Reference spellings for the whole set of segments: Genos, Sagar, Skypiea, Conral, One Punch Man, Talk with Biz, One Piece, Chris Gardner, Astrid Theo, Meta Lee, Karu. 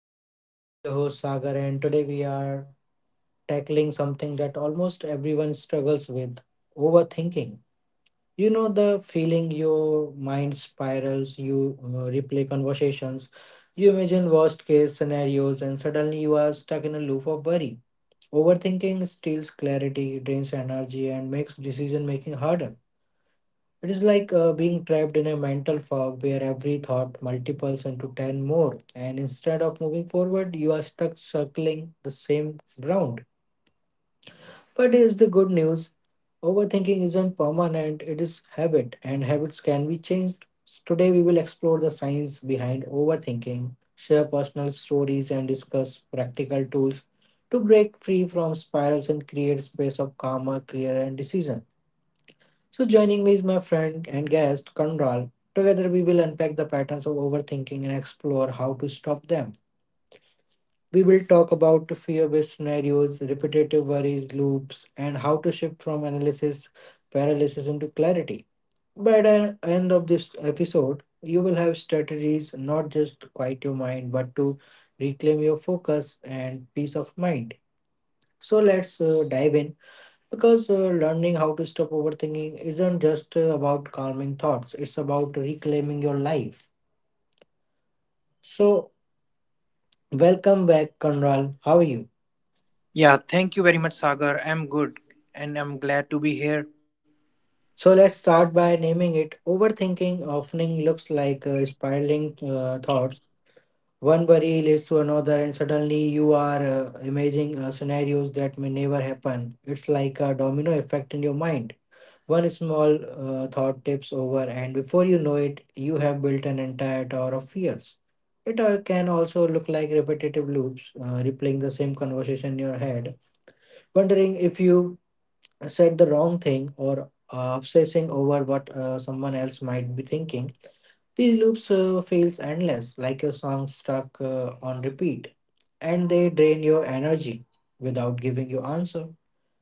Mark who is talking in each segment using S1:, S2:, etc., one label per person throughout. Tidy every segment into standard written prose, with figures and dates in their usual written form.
S1: Talk with Biz. I'm your host Sagar, and today we are tackling something that almost everyone struggles with overthinking. You know, the feeling your mind spirals, you replay conversations, you imagine worst case scenarios, and suddenly you are stuck in a loop of worry. Overthinking steals clarity, drains energy, and makes decision making harder. It is like being trapped in a mental fog where every thought multiples into 10 more, and instead of moving forward, you are stuck circling the same ground. But here's the good news overthinking isn't permanent, it is habit, and habits can be changed. Today, we will explore the science behind overthinking, share personal stories, and discuss practical tools to break free from spirals and create space of calmer, clearer, and decision. So, joining me is my friend and guest, Conral. Together, we will unpack the patterns of overthinking and explore how to stop them. We will talk about fear based scenarios, repetitive worries, loops, and how to shift from analysis paralysis into clarity. By the end of this episode, you will have strategies not just to quiet your mind but to reclaim your focus and peace of mind. So, let's dive in. Because learning how to stop overthinking isn't just about calming thoughts, it's about reclaiming your life. So, welcome back, Conral. How are you?
S2: Yeah, thank you very much, Sagar. I'm good and I'm glad to be here.
S1: So, let's start by naming it. Overthinking often looks like spiraling thoughts. One worry leads to another, and suddenly you are imagining scenarios that may never happen. It's like a domino effect in your mind. One small thought tips over, and before you know it, you have built an entire tower of fears. It can also look like repetitive loops, replaying the same conversation in your head, wondering if you said the wrong thing or obsessing over what someone else might be thinking. These loops feels endless, like a song stuck on repeat, and they drain your energy without giving you answer.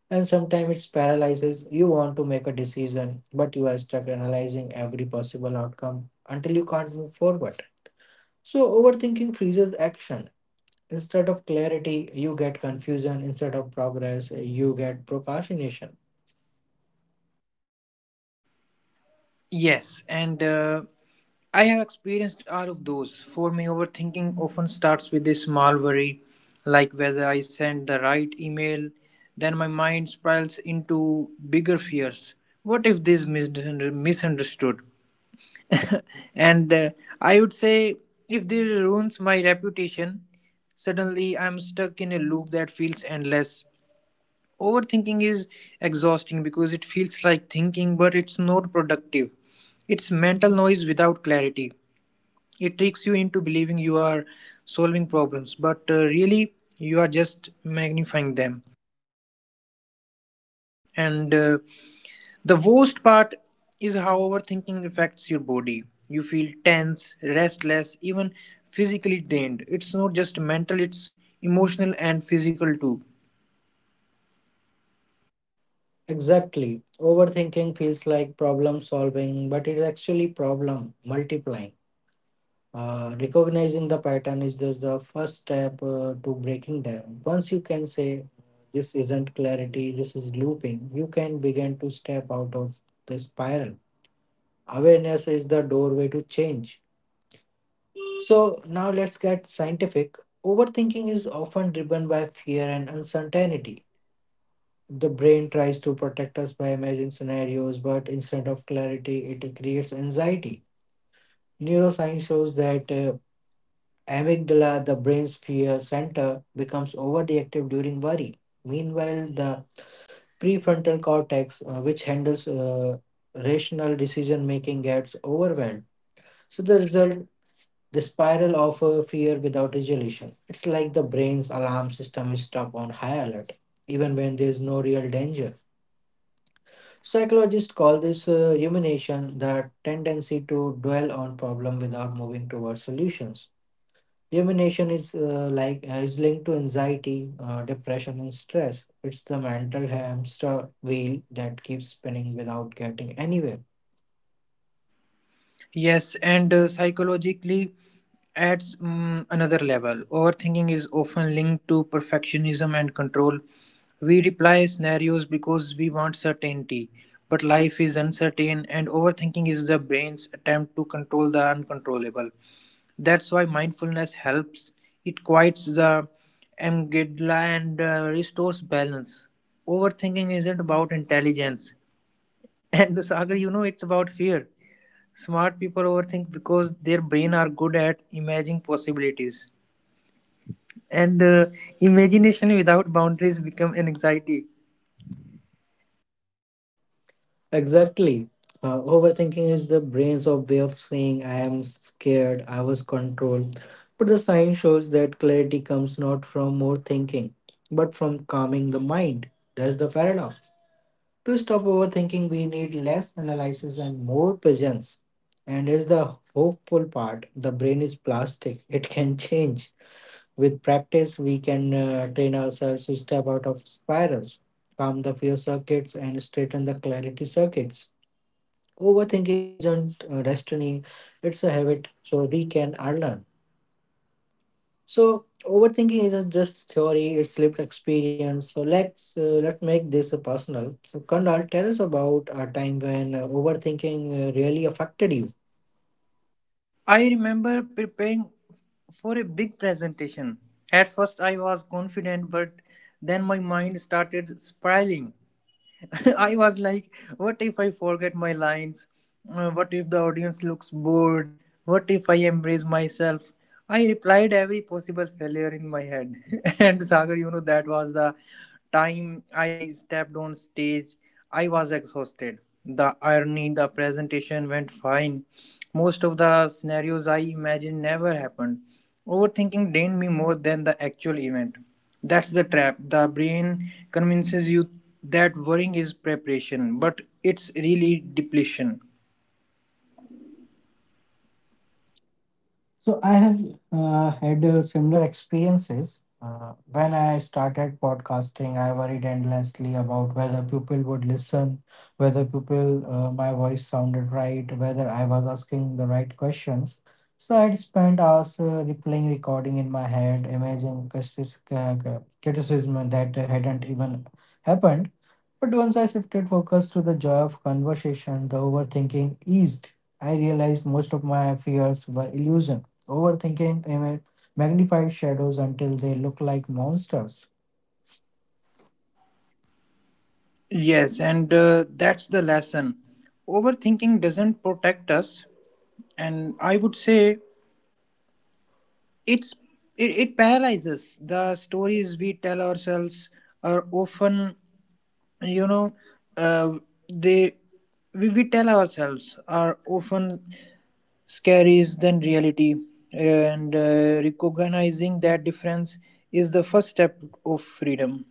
S1: And sometimes it's paralyzes. You want to make a decision, but you are stuck analyzing every possible outcome until you can't move forward. So, overthinking freezes action. Instead of clarity, you get confusion. Instead of progress, you get procrastination.
S2: Yes, and I have experienced all of those. For me, overthinking often starts with a small worry, like whether I sent the right email. Then my mind spirals into bigger fears. What if this misunderstood? and I would say, if this ruins my reputation, suddenly I'm stuck in a loop that feels endless. Overthinking is exhausting because it feels like thinking, but it's not productive. It's mental noise without clarity. It tricks you into believing you are solving problems, but really you are just magnifying them. And the worst part is how overthinking affects your body. You feel tense, restless, even physically drained. It's not just mental, it's emotional and physical too.
S1: Exactly. Overthinking feels like problem solving, but it's actually problem multiplying. Recognizing the pattern is just the first step to breaking them. Once you can say, this isn't clarity, this is looping, you can begin to step out of the spiral. Awareness is the doorway to change. So, now let's get scientific. Overthinking is often driven by fear and uncertainty. The brain tries to protect us by imagining scenarios, but instead of clarity, it creates anxiety. Neuroscience shows that amygdala, the brain's fear center, becomes overreactive during worry. Meanwhile, the prefrontal cortex, which handles rational decision making, gets overwhelmed. So, the result the spiral of fear without resolution. It's like the brain's alarm system is stuck on high alert, even when there's no real danger. Psychologists call this rumination the tendency to dwell on problem without moving towards solutions. Rumination is linked to anxiety, depression, and stress. It's the mental hamster wheel that keeps spinning without getting anywhere.
S2: Yes, and psychologically adds another level. Overthinking is often linked to perfectionism and control. We reply scenarios because we want certainty, but life is uncertain, and overthinking is the brain's attempt to control the uncontrollable. That's why mindfulness helps. It quiets the amygdala and restores balance. Overthinking isn't about intelligence. And the saga, you know, it's about fear. Smart people overthink because their brain are good at imagining possibilities, and imagination without boundaries become an anxiety.
S1: Exactly. Overthinking is the brain's of way of saying I am scared, I was controlled. But the science shows that clarity comes not from more thinking, but from calming the mind. That's the paradox. To stop overthinking, we need less analysis and more presence. And is the hopeful part the brain is plastic, it can change. With practice, we can train ourselves to step out of spirals, calm the fear circuits, and straighten the clarity circuits. Overthinking isn't destiny, it's a habit, so we can unlearn. So overthinking isn't just theory; it's lived experience. So let's make this personal. So Kandal, tell us about a time when overthinking really affected you.
S2: I remember preparing for a big presentation. At first, I was confident, but then my mind started spiraling. I was like, what if I forget my lines? What if the audience looks bored? What if I embrace myself? I replied every possible failure in my head. And Sagar, you know, that was the time I stepped on stage. I was exhausted. The irony, the presentation went fine. Most of the scenarios I imagined never happened. Overthinking drained me more than the actual event. That's the trap. The brain convinces you that worrying is preparation, but it's really depletion.
S1: So I have had similar experiences. When I started podcasting, I worried endlessly about whether people would listen, whether people my voice sounded right, whether I was asking the right questions. So I'd spent hours replaying recording in my head, imagining criticism that hadn't even happened. But once I shifted focus to the joy of conversation, the overthinking eased. I realized most of my fears were illusion. Overthinking magnified shadows until they look like monsters.
S2: Yes, and that's the lesson. Overthinking doesn't protect us, and I would say it's it paralyzes. The stories we tell ourselves are often, you know, uh, they we tell ourselves are often scarier than reality, and recognizing that difference is the first step of freedom.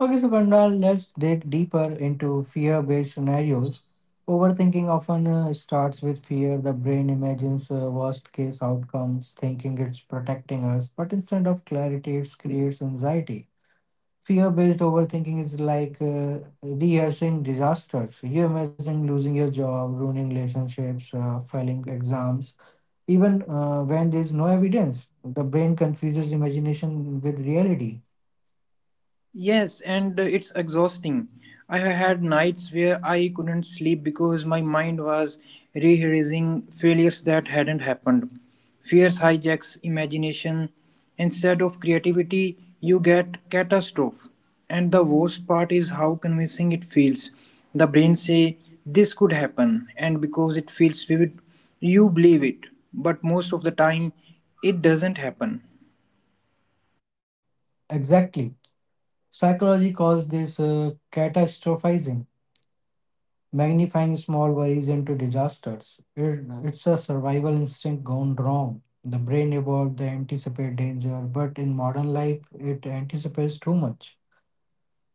S1: Okay, so Pandal, let's dig deeper into fear based scenarios. Overthinking often starts with fear. The brain imagines worst case outcomes, thinking it's protecting us, but instead of clarity, it creates anxiety. Fear based overthinking is like rehearsing disasters. You imagine losing your job, ruining relationships, failing exams, even when there's no evidence. The brain confuses imagination with reality.
S2: Yes, and it's exhausting. Had nights where I couldn't sleep because my mind was rehearsing failures that hadn't happened. Fears hijacks imagination. Instead of creativity, you get catastrophe. And the worst part is how convincing it feels. The brain say this could happen, and because it feels vivid, you believe it. But most of the time, it doesn't happen.
S1: Exactly. Psychology calls this catastrophizing, magnifying small worries into disasters. It's a survival instinct gone wrong. The brain evolved to anticipate danger, but in modern life, it anticipates too much.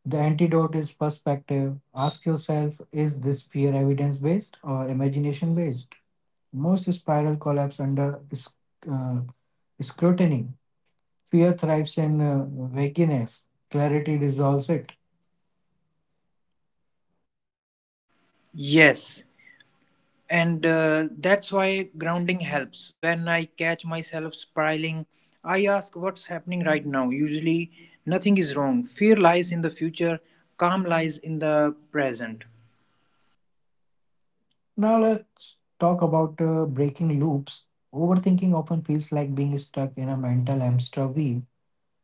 S1: The antidote is perspective. Ask yourself is this fear evidence based or imagination based? Most spiral collapse under uh, scrutiny. Fear thrives in vagueness, clarity dissolves it.
S2: Yes, and that's why grounding helps. When I catch myself spiraling, I ask what's happening right now. Usually nothing is wrong. Fear lies in the future, calm lies in the present.
S1: Now, let's talk about breaking loops. Overthinking often feels like being stuck in a mental hamster wheel.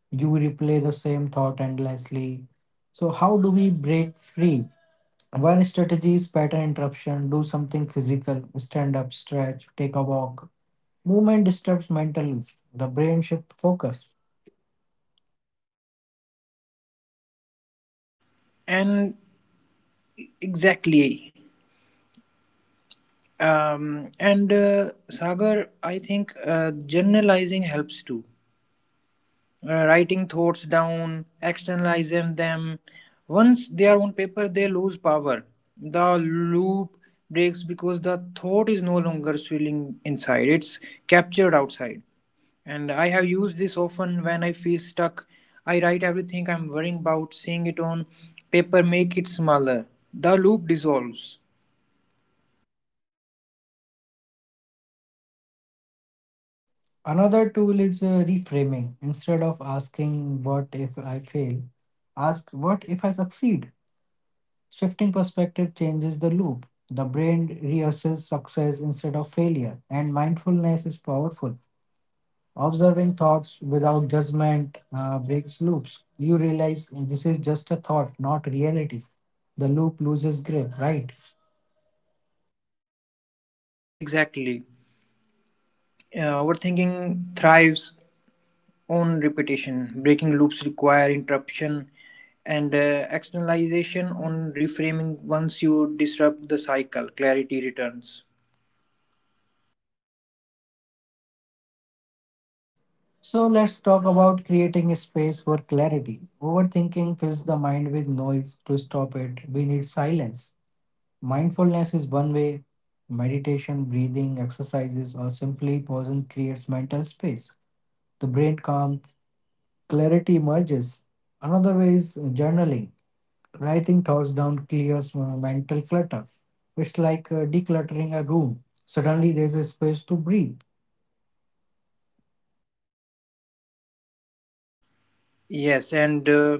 S1: You replay the same thought endlessly. So, how do we break free? One strategy is pattern interruption. Do something physical. Stand up, stretch, take a walk. Movement disturbs mental loop. The brain shift focus.
S2: And exactly, and Sagar, I think generalizing helps too. Writing thoughts down, externalizing them. Once they are on paper, they lose power. The loop breaks because the thought is no longer swirling inside, it's captured outside. And I have used this often when I feel stuck. I write everything I'm worrying about, seeing it on paper, make it smaller. The loop dissolves.
S1: Another tool is reframing. Instead of asking, what if I fail? Ask, what if I succeed? Shifting perspective changes the loop. The brain rehearses success instead of failure, and mindfulness is powerful. Observing thoughts without judgment breaks loops. You realize this is just a thought, not reality. The loop loses grip, right?
S2: Exactly. Overthinking thrives on repetition. Breaking loops require interruption and externalization on reframing. Once you disrupt the cycle, clarity returns.
S1: So let's talk about creating a space for clarity. Overthinking fills the mind with noise. To stop it, we need silence. Mindfulness is one way. Meditation, breathing, exercises, or simply pausing creates mental space. The brain calms, clarity emerges. Another way is journaling. Writing thoughts down clears mental clutter. It's like decluttering a room. Suddenly there's a space to breathe.
S2: Yes, and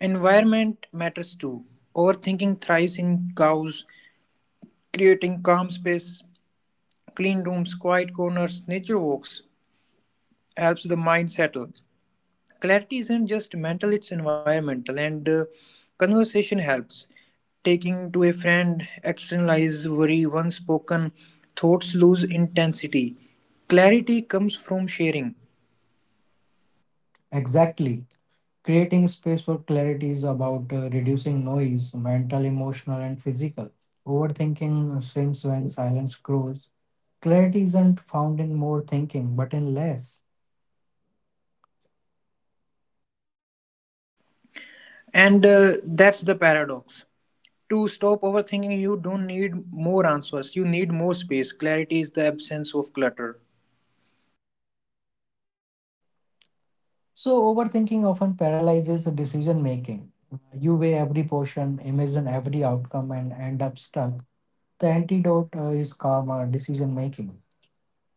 S2: environment matters too. Overthinking thrives in cows, creating calm space, clean rooms, quiet corners, nature walks helps the mind settle. Clarity isn't just mental, it's environmental, and conversation helps. Taking to a friend, externalize worry, once spoken, thoughts lose intensity. Clarity comes from sharing,
S1: Exactly. Creating space for clarity is about reducing noise, mental, emotional, and physical. Overthinking shrinks when silence grows. Clarity isn't found in more thinking, but in less.
S2: and that's the paradox. To stop overthinking, you don't need more answers, you need more space. Clarity is the absence of clutter.
S1: So, overthinking often paralyzes the decision making. You weigh every portion, imagine every outcome, and end up stuck. The antidote is calmer decision making.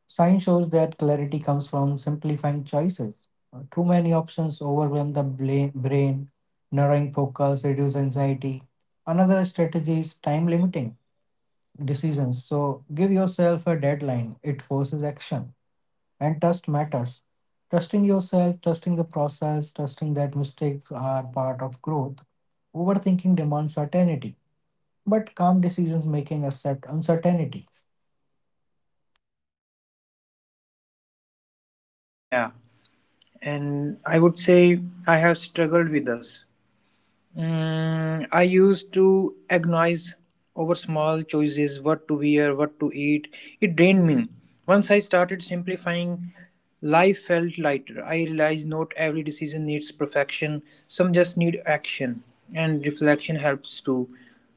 S1: Science shows that clarity comes from simplifying choices. Too many options overwhelm the brain, narrowing focus, reduce anxiety. Another strategy is time limiting decisions. So give yourself a deadline, it forces action. And trust matters. Trusting yourself, trusting the process, trusting that mistakes are part of growth. Overthinking demands certainty, but calm decisions making accept uncertainty.
S2: Yeah, and I would say I have struggled with this. I used to agonize over small choices: what to wear, what to eat. It drained me. Once I started simplifying, life felt lighter. I realized not every decision needs perfection, some just need action, and reflection helps too.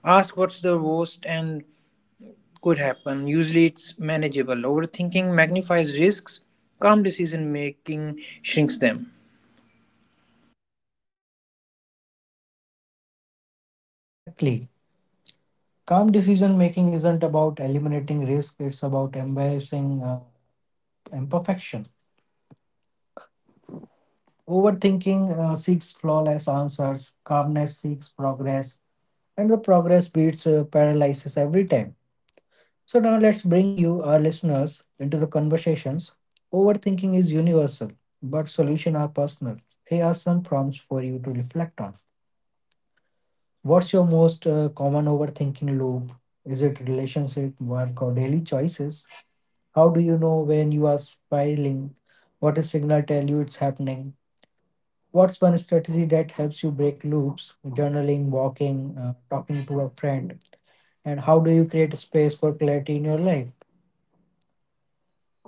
S2: Ask what's the worst and could happen. Usually it's manageable. Overthinking magnifies risks, calm decision making shrinks them.
S1: Exactly. Calm decision making isn't about eliminating risk, it's about embracing imperfection. Overthinking seeks flawless answers, calmness seeks progress, and the progress beats paralysis every time. So, now let's bring you, our listeners, into the conversations. Overthinking is universal, but solutions are personal. Here are some prompts for you to reflect on. What's your most common overthinking loop? Is it relationship, work, or daily choices? How do you know when you are spiraling? What a signal tell you it's happening? What's one strategy that helps you break loops? Journaling, walking, talking to a friend. And how do you create space for clarity in your life?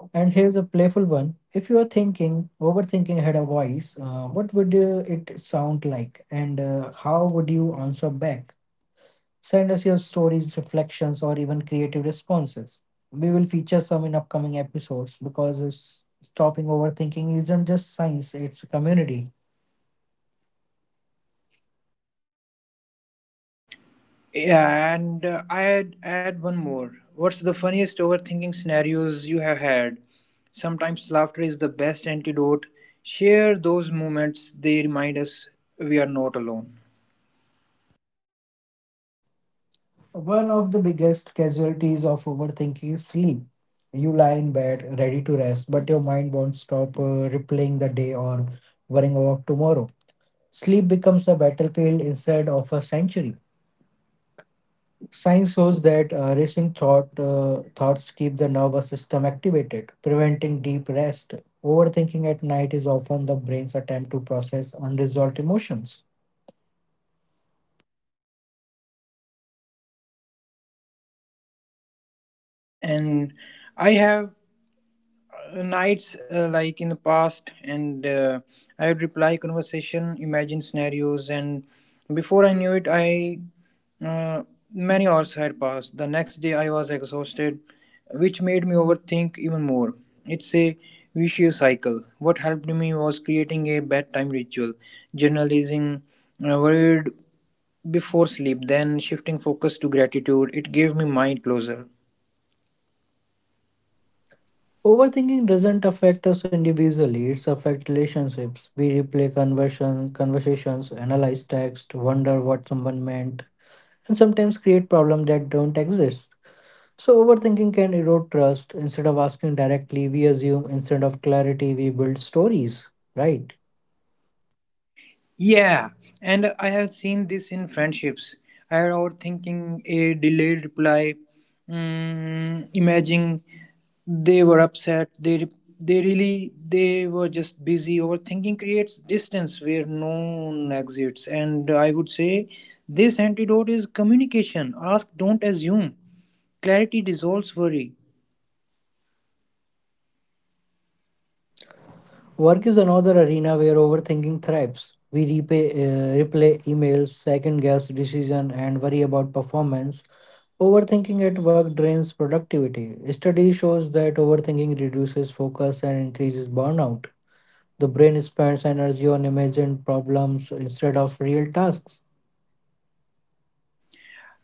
S1: And here's a playful one. If you are thinking, overthinking had a voice, what would it sound like? And how would you answer back? Send us your stories, reflections, or even creative responses. We will feature some in upcoming episodes because it's stopping overthinking isn't just science, it's a community.
S2: Yeah, and I add one more. What's the funniest overthinking scenarios you have had? Sometimes laughter is the best antidote. Share those moments. They remind us we are not alone.
S1: One of the biggest casualties of overthinking is sleep. You lie in bed, ready to rest, but your mind won't stop replaying the day or worrying about tomorrow. Sleep becomes a battlefield instead of a sanctuary. Science shows that racing thoughts keep the nervous system activated, preventing deep rest. Overthinking at night is often the brain's attempt to process unresolved emotions.
S2: Yes, and I have nights like in the past, and I would reply conversation, imagine scenarios, and before I knew it, I, uh, many hours had passed. The next day I was exhausted, which made me overthink even more. It's a vicious cycle. What helped me was creating a bedtime ritual, journalizing worried before sleep, then shifting focus to gratitude. It gave me mind closure.
S1: Overthinking doesn't affect us individually, it affects relationships. We replay conversations, analyze text, wonder what someone meant, and sometimes create problems that don't exist. So, overthinking can erode trust. Instead of asking directly, we assume. Instead of clarity, we build stories, right?
S2: Yeah, and I have seen this in friendships. I had overthinking a delayed reply, imagining they were upset. They really they were just busy. Overthinking creates distance where no one exists, and I would say this antidote is communication. Ask, don't assume. Clarity dissolves worry.
S1: Work is another arena where overthinking thrives. We replay emails, second guess decision, and worry about performance. Overthinking at work drains productivity. Study shows that overthinking reduces focus and increases burnout. The brain spends energy on imagined problems instead of real tasks.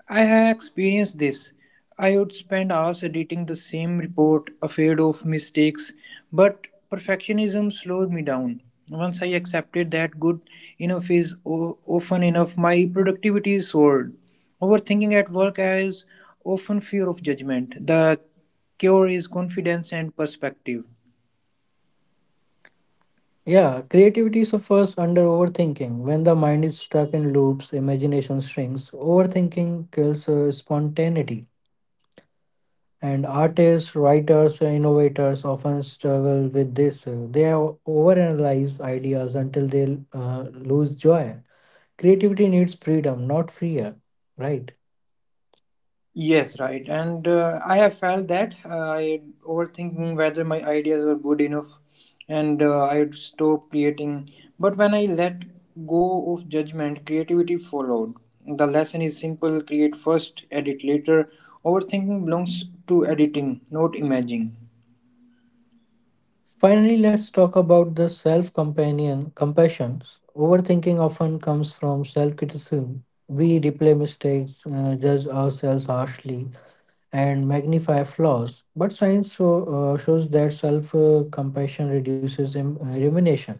S2: I have experienced this. I would spend hours editing the same report, afraid of mistakes, but perfectionism slowed me down. Once I accepted that good enough is often enough, my productivity is soared. Overthinking at work has often fear of judgment. The cure is confidence and perspective.
S1: Yeah, creativity suffers under overthinking. When the mind is stuck in loops, imagination shrinks. Overthinking kills spontaneity. And artists, writers, and innovators often struggle with this. They overanalyze ideas until they lose joy. Creativity needs freedom, not fear, right?
S2: Yes, right. And I have felt that I overthinking whether my ideas were good enough, and I would stop creating. But when I let go of judgment, creativity followed. The lesson is simple: create first, edit later. Overthinking belongs to editing, not imagining.
S1: Finally, let's talk about the self companion compassions. Overthinking often comes from self criticism. We replay mistakes, judge ourselves harshly, and magnify flaws. But science shows that self compassion reduces rumination.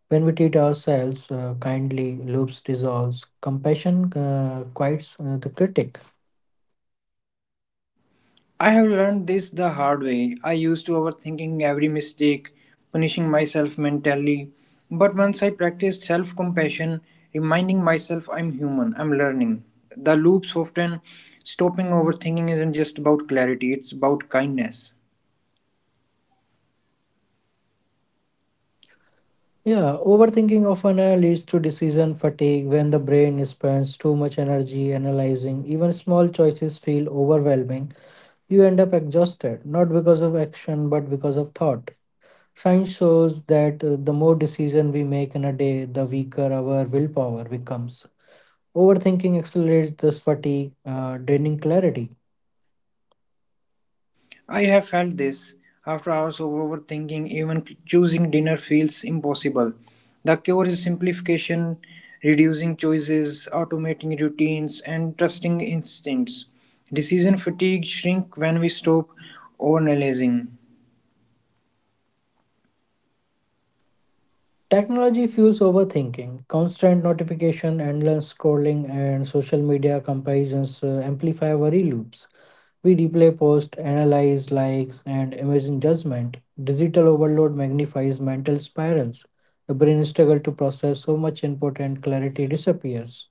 S1: When we treat ourselves kindly, loops dissolves. Compassion quiets the critic.
S2: I have learned this the hard way. I used to overthinking every mistake, punishing myself mentally. But once I practiced self compassion, reminding myself I'm human, I'm learning. The loop soften. Stopping overthinking isn't just about clarity, it's about kindness.
S1: Yeah, overthinking often leads to decision fatigue when the brain spends too much energy analyzing. Even small choices feel overwhelming. You end up exhausted, not because of action, but because of thought. Science shows that the more decision we make in a day, the weaker our willpower becomes. Overthinking accelerates this fatigue, draining clarity.
S2: I have felt this. After hours of overthinking, even choosing dinner feels impossible. The cure is simplification, reducing choices, automating routines, and trusting instincts. Decision fatigue shrink when we stop overanalyzing.
S1: Technology fuels overthinking. Constant notification, endless scrolling, and social media comparisons amplify worry loops. We replay posts, analyze likes, and imagine judgment. Digital overload magnifies mental spirals. The brain struggles to process so much input and clarity disappears.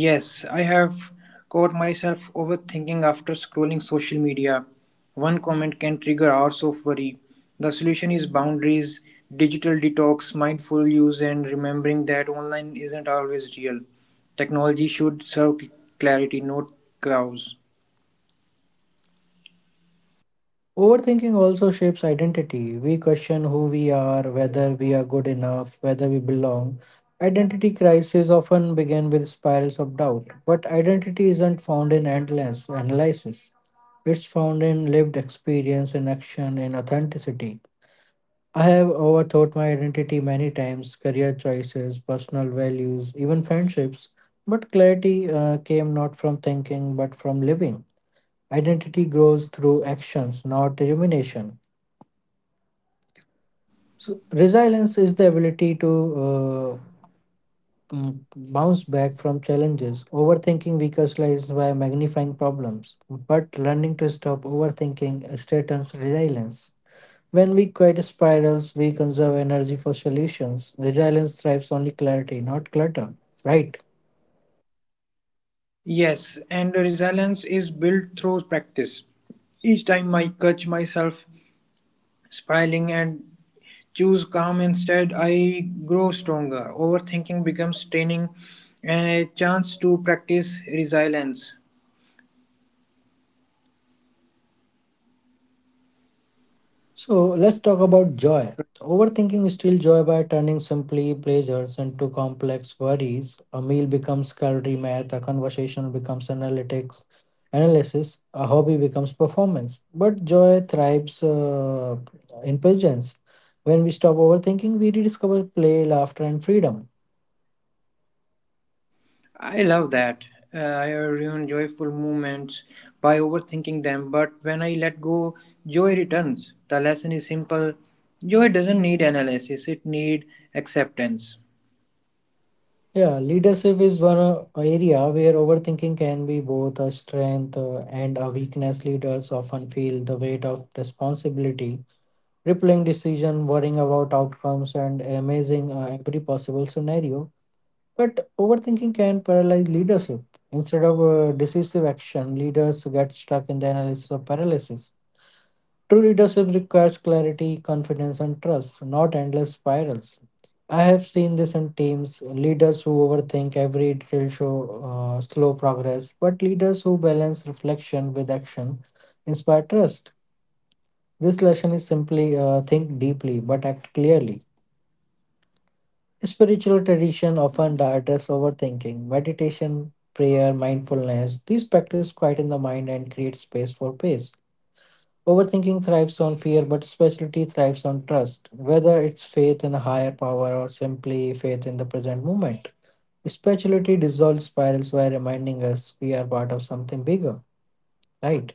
S2: Yes, I have caught myself overthinking after scrolling social media. One comment can trigger hours of worry. The solution is boundaries, digital detox, mindful use, and remembering that online isn't always real. Technology should serve clarity, not chaos.
S1: Overthinking also shapes identity. We question who we are, whether we are good enough, whether we belong. Identity crises often begin with spirals of doubt, but identity isn't found in endless analysis. It's found in lived experience, in action, in authenticity. I have overthought my identity many times career choices, personal values, even friendships. But clarity came not from thinking, but from living. Identity grows through actions, not rumination. So resilience is the ability to uh, bounce back from challenges. Overthinking weakens lies by magnifying problems, but learning to stop overthinking strengthens resilience. When we quit spirals, we conserve energy for solutions. Resilience thrives on clarity, not clutter. Right?
S2: Yes, and resilience is built through practice. Each time I catch myself spiraling and choose calm instead, I grow stronger. Overthinking becomes training and a chance to practice resilience.
S1: So let's talk about joy. Overthinking steals joy by turning simply pleasures into complex worries. A meal becomes calorie math, a conversation becomes analytics, analysis, a hobby becomes performance. But joy thrives in presence. When we stop overthinking, we rediscover play, laughter, and freedom.
S2: I love that. uh, I ruin joyful moments by overthinking them, but when I let go, joy returns. The lesson is simple: joy doesn't need analysis, it needs acceptance.
S1: Yeah, leadership is one area where overthinking can be both a strength and a weakness. Leaders often feel the weight of responsibility crippling decision, worrying about outcomes, and amazing every possible scenario. But overthinking can paralyze leadership. Instead of decisive action, leaders get stuck in the analysis of paralysis. True leadership requires clarity, confidence, and trust, not endless spirals. I have seen this in teams leaders who overthink every detail show slow progress, but leaders who balance reflection with action inspire trust. This lesson is simply think deeply but act clearly. Spiritual tradition often address overthinking, meditation, prayer, mindfulness. These practice quieten the mind and create space for peace. Overthinking thrives on fear, but spirituality thrives on trust, whether it's faith in a higher power or simply faith in the present moment. Spirituality dissolves spirals by reminding us we are part of something bigger, right?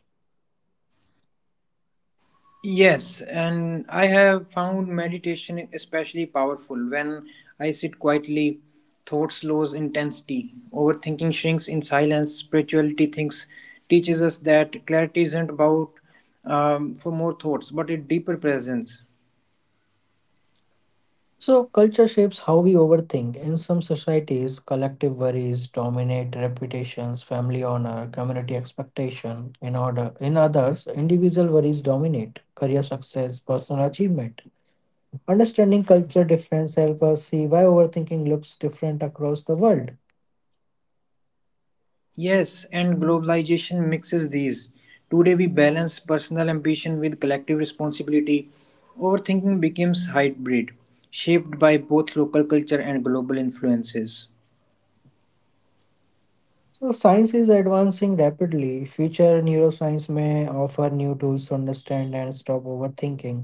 S2: Yes, and I have found meditation especially powerful. When I sit quietly, thoughts lose intensity, overthinking shrinks in silence. Spirituality thinks teaches us that clarity isn't about, for more thoughts, but a deeper presence.
S1: So, culture shapes how we overthink. In some societies, collective worries dominate reputations, family honor, community expectation. In order, in others, individual worries dominate career success, personal achievement. Understanding culture difference helps us see why overthinking looks different across the world.
S2: Yes, and globalization mixes these. Today we balance personal ambition with collective responsibility. Overthinking becomes hybrid, shaped by both local culture and global influences.
S1: So science is advancing rapidly. Future neuroscience may offer new tools to understand and stop overthinking.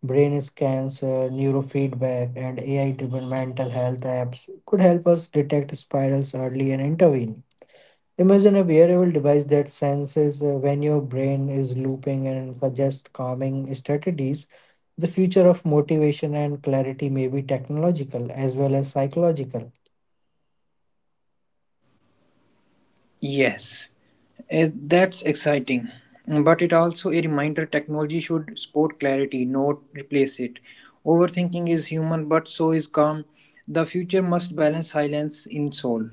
S1: Brain scans, neurofeedback, and AI-driven mental health apps could help us detect spirals early and intervene. Imagine a wearable device that senses when your brain is looping and suggests calming strategies. The future of motivation and clarity may be technological as well as psychological.
S2: Yes, that's exciting. But it also a reminder technology should support clarity, not replace it. Overthinking is human, but so is calm. The future must balance silence in soul.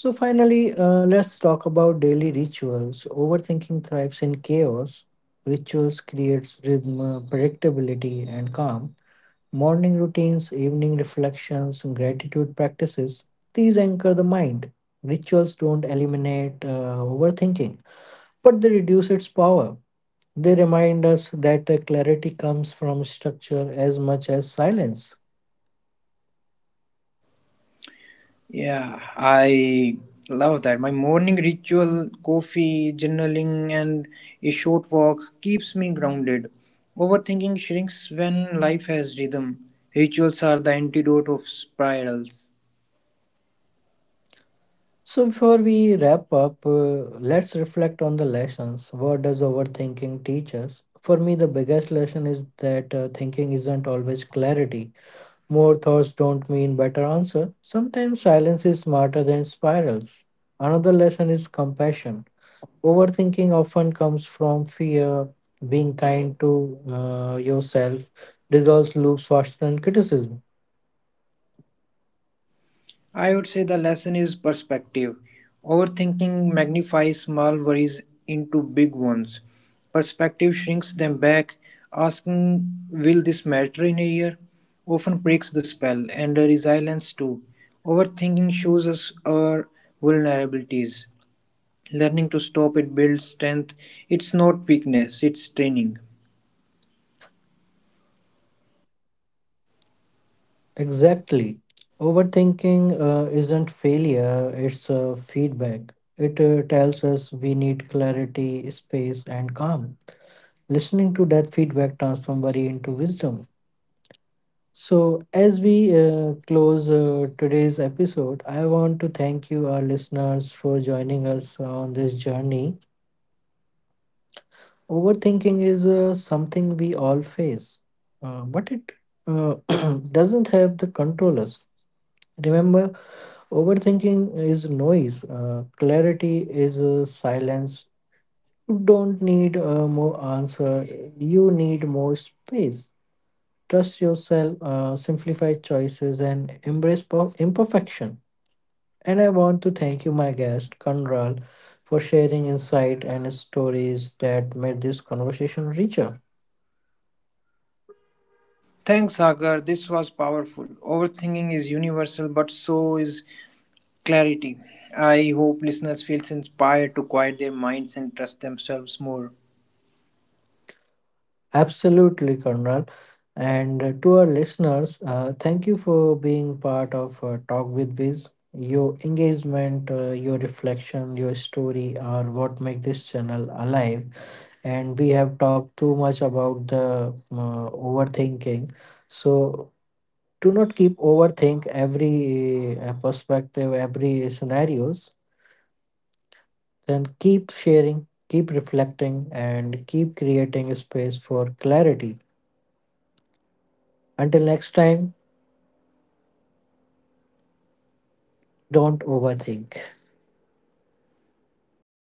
S1: So, finally, let's talk about daily rituals. Overthinking thrives in chaos. Rituals creates rhythm, predictability, and calm. Morning routines, evening reflections, and gratitude practices, these anchor the mind. Rituals don't eliminate overthinking, but they reduce its power. They remind us that clarity comes from structure as much as silence.
S2: Yeah, I love that. My morning ritual, coffee, journaling, and a short walk keeps me grounded. Overthinking shrinks when life has rhythm. Rituals are the antidote of spirals.
S1: So before we wrap up, let's reflect on the lessons. What does overthinking teach us? For me, the biggest lesson is that thinking isn't always clarity. More thoughts don't mean better answer. Sometimes silence is smarter than spirals. Another lesson is compassion. Overthinking often comes from fear. Being kind to yourself dissolves loops faster than criticism.
S2: I would say the lesson is perspective. Overthinking magnifies small worries into big ones. Perspective shrinks them back. Asking, will this matter in a year? Often breaks the spell, and the resilience too. Overthinking shows us our vulnerabilities. Learning to stop it builds strength. It's not weakness, it's training.
S1: Exactly. Overthinking isn't failure, it's feedback. It tells us we need clarity, space, and calm. Listening to that feedback transforms worry into wisdom. So, as we close today's episode, I want to thank you, our listeners, for joining us on this journey. Overthinking is something we all face, but it uh, doesn't have the controllers. Remember, overthinking is noise. Clarity is silence. You don't need more answer. You need more space. Trust yourself, simplify choices, and embrace imperfection. And I want to thank you, my guest, Kanral, for sharing insight and stories that made this conversation richer.
S2: Thanks, Sagar. This was powerful. Overthinking is universal, but so is clarity. I hope listeners feels inspired to quiet their minds and trust themselves more.
S1: Absolutely, Karnal. And to our listeners, thank you for being part of Talk with Biz. Your engagement, your reflection, your story are what make this channel alive. And we have talked too much about the overthinking. So do not keep overthink every perspective, every scenarios. Then keep sharing, keep reflecting, and keep creating space for clarity. Until next time, don't overthink.